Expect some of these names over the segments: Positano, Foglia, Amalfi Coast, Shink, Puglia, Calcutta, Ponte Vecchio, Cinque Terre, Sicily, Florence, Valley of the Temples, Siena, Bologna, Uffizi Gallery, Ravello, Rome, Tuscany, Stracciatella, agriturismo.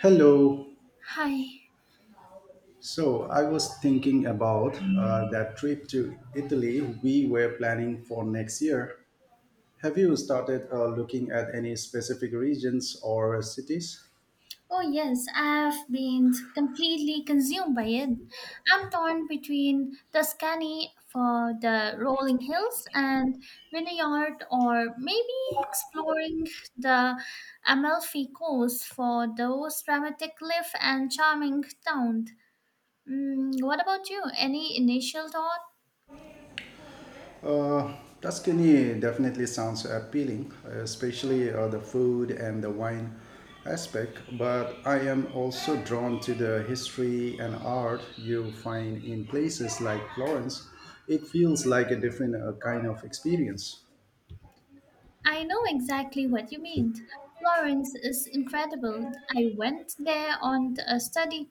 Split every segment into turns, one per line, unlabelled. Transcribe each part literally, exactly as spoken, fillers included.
Hello.
Hi.
So I was thinking about uh, that trip to Italy we were planning for next year. Have you started uh, looking at any specific regions or cities?
Oh, yes, I've been completely consumed by it. I'm torn between Tuscany for the rolling hills and vineyard, or maybe exploring the Amalfi Coast for those dramatic cliff and charming town. Mm, what about you? Any initial thought?
Uh, Tuscany definitely sounds appealing, especially uh, the food and the wine aspect, but I am also drawn to the history and art you find in places like Florence. It feels like a different uh, kind of experience.
I know exactly what you mean. Florence is incredible. I went there on a study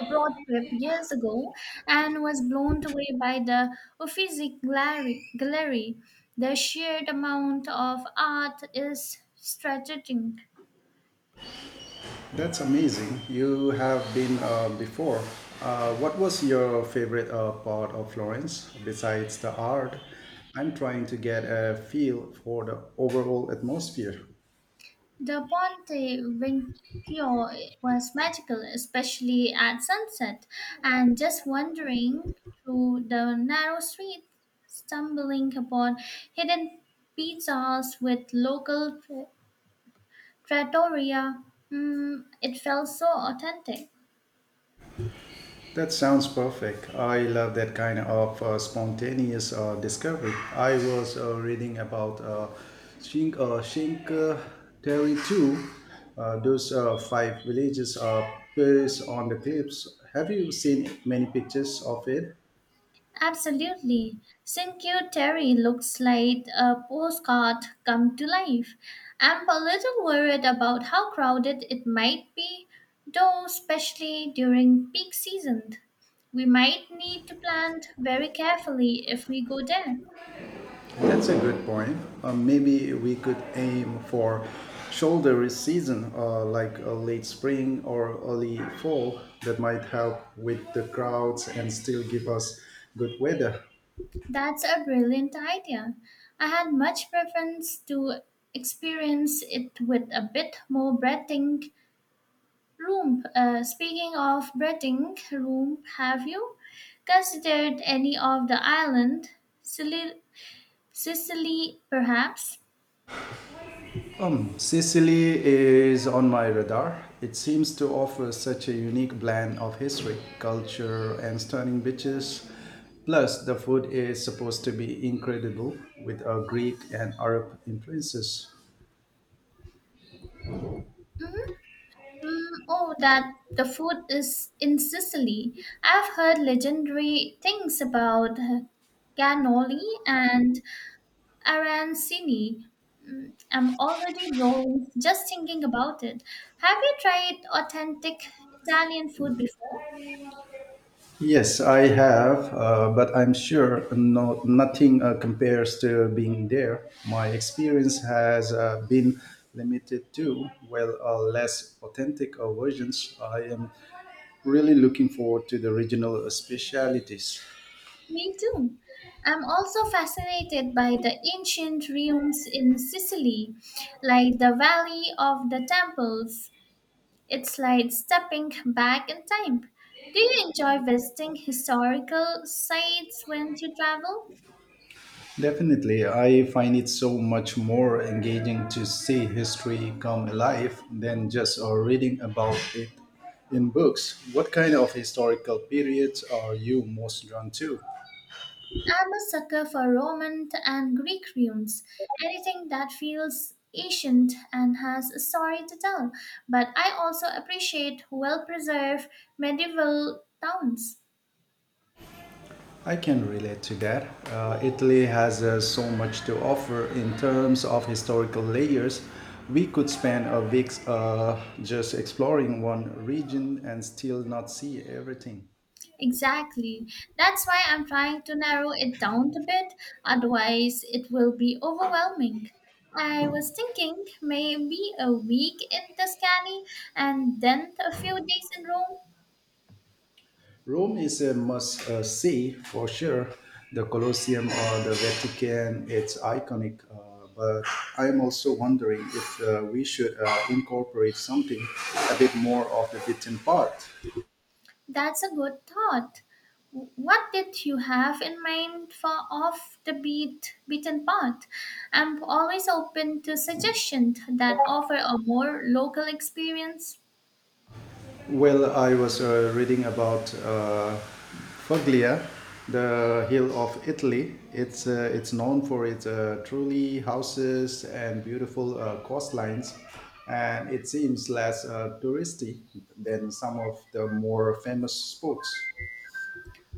abroad trip years ago and was blown away by the Uffizi Gallery. Gallery. The sheer amount of art is strategic.
That's amazing. You have been uh, before. Uh, what was your favorite uh, part of Florence besides the art? I'm trying to get a feel for the overall atmosphere.
The Ponte Vecchio was magical, especially at sunset, and just wandering through the narrow street, stumbling upon hidden pizzas with local trattoria, mm, it felt so authentic.
That sounds perfect. I love that kind of uh, spontaneous uh, discovery. I was uh, reading about uh, Shink, uh, Terry too. Uh, those uh, five villages are placed on the cliffs. Have you seen many pictures of it?
Absolutely. Cinque Terre looks like a postcard come to life. I'm a little worried about how crowded it might be, though, especially during peak season. We might need to plan very carefully if we go there.
That's a good point. Uh, maybe we could aim for shoulder season, uh, like uh, late spring or early fall, that might help with the crowds and still give us good weather.
That's a brilliant idea. I had much preference to experience it with a bit more breathing Roomp, uh, speaking of breathing Roomp, have you considered any of the island? Sicily, Sicily perhaps?
Um, Sicily is on my radar. It seems to offer such a unique blend of history, culture, and stunning beaches. Plus, the food is supposed to be incredible with uh, Greek and Arab influences.
Mm, oh, that the food is in Sicily. I've heard legendary things about uh, cannoli and arancini. Mm, I'm already rolling just thinking about it. Have you tried authentic Italian food before?
Yes, I have, uh, but I'm sure no, nothing uh, compares to being there. My experience has uh, been limited to, well, uh, less authentic uh, versions. I am really looking forward to the regional specialities.
Me too. I'm also fascinated by the ancient ruins in Sicily, like the Valley of the Temples. It's like stepping back in time. Do you enjoy visiting historical sites when you travel?
Definitely, I find it so much more engaging to see history come alive than just uh, reading about it in books. What kind of historical periods are you most drawn to?
I'm a sucker for Roman and Greek ruins, anything that feels ancient and has a story to tell. But I also appreciate well preserved medieval towns.
I can relate to that. Uh, Italy has uh, so much to offer in terms of historical layers. We could spend a week uh, just exploring one region and still not see everything.
Exactly. That's why I'm trying to narrow it down a bit, otherwise, it will be overwhelming. I was thinking maybe a week in Tuscany and then a few days in Rome.
Rome is a must uh, see for sure. The Colosseum or the Vatican, it's iconic. Uh, but I'm also wondering if uh, we should uh, incorporate something a bit more of the beaten part.
That's a good thought. What did you have in mind for off the beat beaten path? I'm always open to suggestions that offer a more local experience.
Well, I was uh, reading about uh, Foglia, the hill of Italy. It's uh, it's known for its uh, truly houses and beautiful uh, coastlines, and it seems less uh, touristy than some of the more famous spots.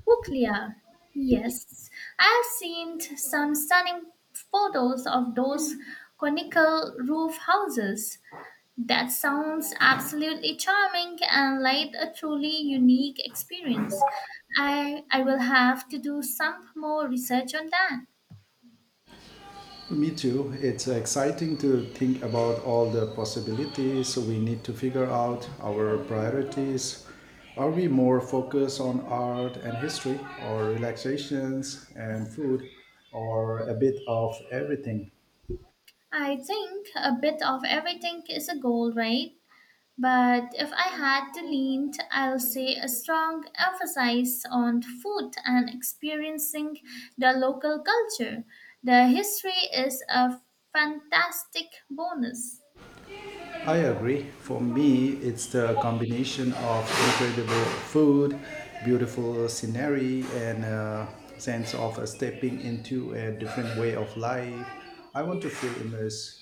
Puglia. Yes, I've seen some stunning photos of those conical roof houses. That sounds absolutely charming and like a truly unique experience. I, I will have to do some more research on that.
Me too. It's exciting to think about all the possibilities. We need to figure out our priorities. Are we more focused on art and history, or relaxations and food, or a bit of everything?
I think a bit of everything is a goal, right? But if I had to lean, t- I'll say a strong emphasis on food and experiencing the local culture. The history is a fantastic bonus.
I agree. For me, it's the combination of incredible food, beautiful scenery, and a sense of stepping into a different way of life. I want to feel immersed.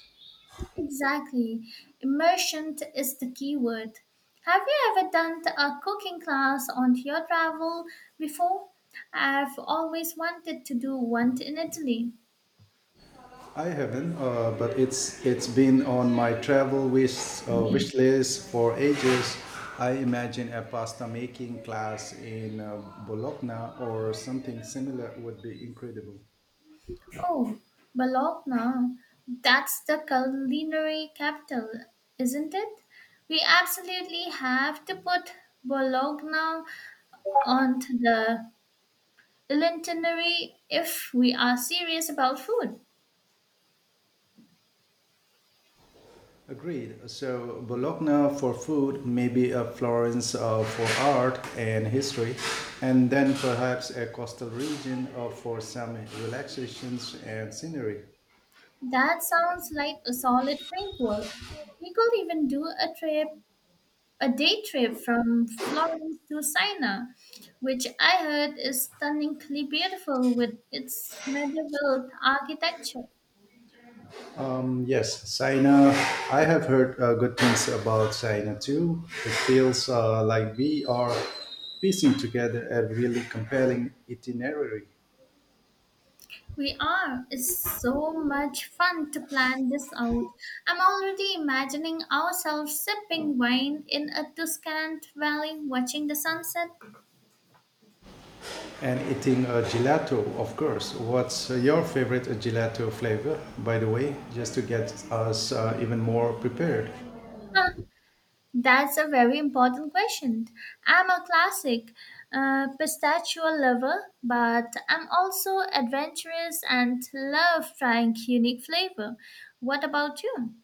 Exactly. Immersion is the key word. Have you ever done a cooking class on your travel before? I've always wanted to do one in Italy.
I haven't, uh, but it's it's been on my travel wish uh, wish list for ages. I imagine a pasta making class in uh, Bologna or something similar would be incredible.
Oh, Bologna. That's the culinary capital, isn't it? We absolutely have to put Bologna on the itinerary if we are serious about food.
Agreed. So Bologna for food, maybe a Florence uh, for art and history, and then perhaps a coastal region uh, for some relaxations and scenery.
That sounds like a solid framework. We could even do a trip, a day trip from Florence to Siena, which I heard is stunningly beautiful with its medieval architecture.
Yes, China. I have heard uh, good things about China too. It feels uh, like we are piecing together a really compelling itinerary
We are. It's so much fun to plan this out. I'm already imagining ourselves sipping wine in a Tuscan valley watching the sunset.
and eating a gelato, of course. What's uh, your favorite gelato flavor, by the way, just to get us uh, even more prepared?
Huh, that's a very important question. I'm a classic uh, pistachio lover, but I'm also adventurous and love trying unique flavor. What about you?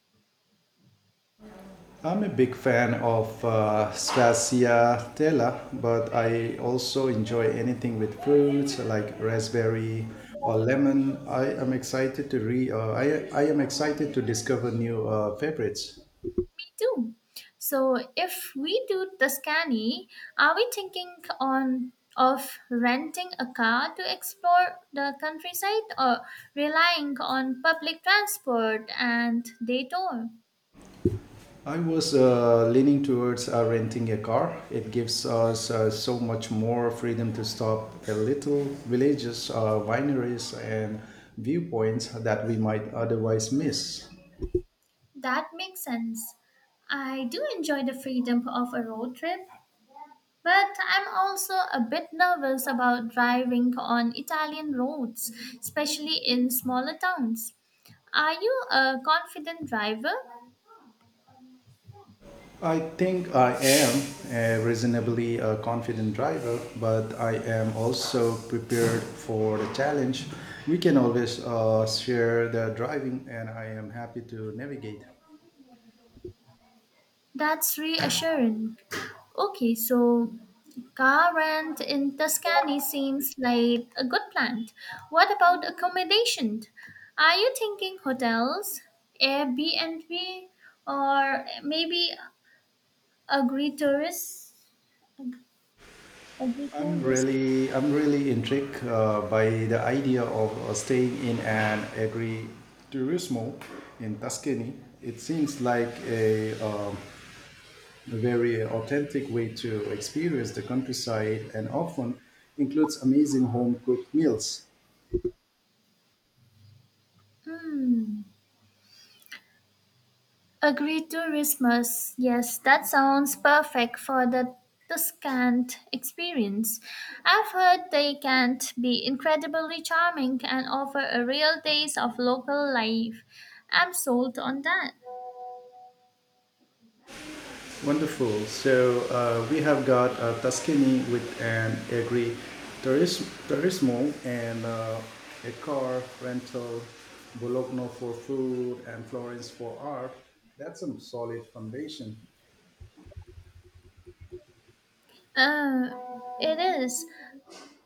I'm a big fan of uh, Stracciatella, but I also enjoy anything with fruits like raspberry or lemon. I am excited to re. Uh, I I am excited to discover new uh, favorites.
Do. So if we do the Tuscany, are we thinking on of renting a car to explore the countryside or relying on public transport and day tour?
I was uh, leaning towards uh, renting a car. It gives us uh, so much more freedom to stop at little villages, uh, wineries, and viewpoints that we might otherwise miss.
That makes sense. I do enjoy the freedom of a road trip, but I'm also a bit nervous about driving on Italian roads, especially in smaller towns. Are you a confident driver?
I think I am a reasonably uh, confident driver, but I am also prepared for the challenge. We can always uh, share the driving, and I am happy to navigate.
That's reassuring. Okay, so car rent in Tuscany seems like a good plan. What about accommodation? Are you thinking hotels, Airbnb, or maybe agri-tourist?
I'm
Agri-tourist?
really, I'm really intrigued uh, by the idea of uh, staying in an agriturismo in Tuscany. It seems like a um, a very authentic way to experience the countryside and often includes amazing home cooked meals.
Hmm. Agreed to Christmas. Yes, that sounds perfect for the Tuscant experience. I've heard they can be incredibly charming and offer a real taste of local life. I'm sold on that.
Wonderful. So uh, we have got uh, Tuscany with an agri turis- turismo and uh, a car rental, Bologna for food, and Florence for art. That's a solid foundation.
Uh, it is.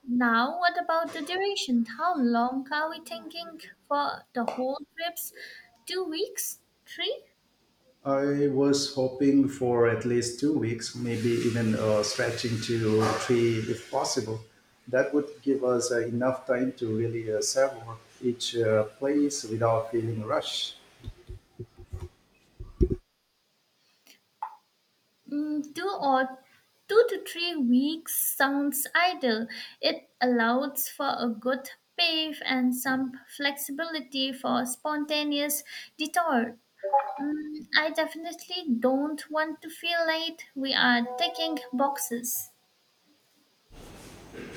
Now, what about the duration? How long are we thinking for the whole trips? Two weeks? Three?
I was hoping for at least two weeks, maybe even uh, stretching to three if possible. That would give us uh, enough time to really uh, savor each uh, place without feeling rushed.
Mm, two or two to three weeks sounds ideal. It allows for a good pay and some flexibility for spontaneous detour. Mm, I definitely don't want to feel late. We are ticking boxes.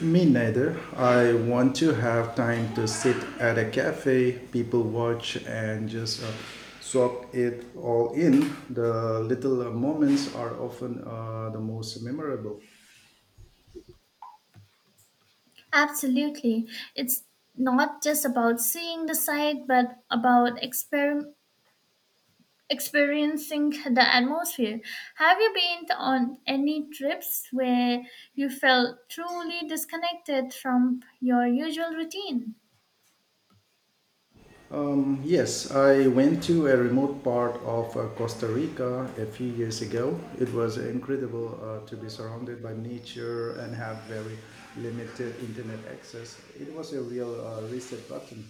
Me neither. I want to have time to sit at a cafe, people watch, and just uh, soak it all in. The little uh, moments are often uh, the most memorable.
Absolutely. It's not just about seeing the site, but about exper- experiencing the atmosphere. Have you been on any trips where you felt truly disconnected from your usual routine?
Um, Yes, I went to a remote part of uh, Costa Rica a few years ago. It was incredible uh, to be surrounded by nature and have very limited internet access. It was a real uh, reset button.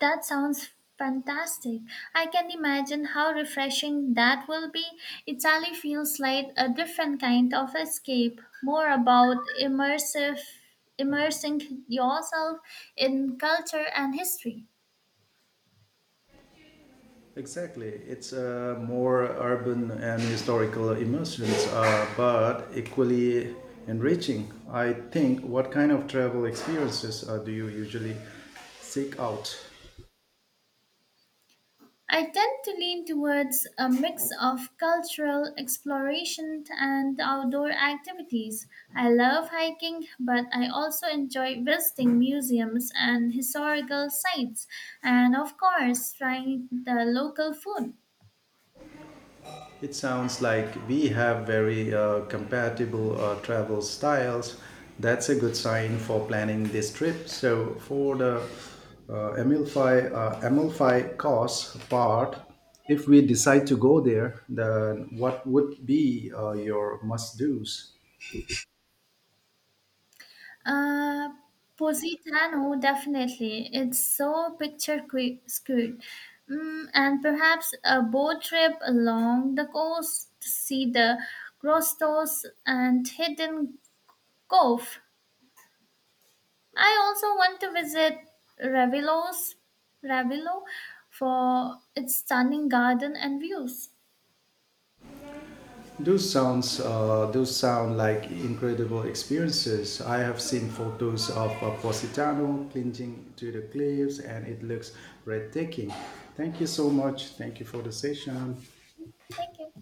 That sounds fantastic. I can imagine how refreshing that will be. Italy feels like a different kind of escape, more about immersive immersing yourself in culture and history.
Exactly, it's a more urban and historical immersions, uh, but equally enriching. I think. What kind of travel experiences uh, do you usually seek out?
I tend to lean towards a mix of cultural exploration and outdoor activities. I love hiking, but I also enjoy visiting museums and historical sites, and of course, trying the local food.
It sounds like we have very uh, compatible uh, travel styles. That's a good sign for planning this trip. So, for the uh, Amalfi, uh, Amalfi cost part, if we decide to go there, then what would be uh, your must dos?
Uh, Positano, definitely. It's so picture que- skewed. Mm, and perhaps a boat trip along the coast to see the grottos and hidden Cove. I also want to visit Ravilos, Ravilo for its stunning garden and views.
Those sounds, uh, those sound like incredible experiences. I have seen photos of uh, Positano clinging to the cliffs, and it looks breathtaking. Thank you so much. Thank you for the session.
Thank you.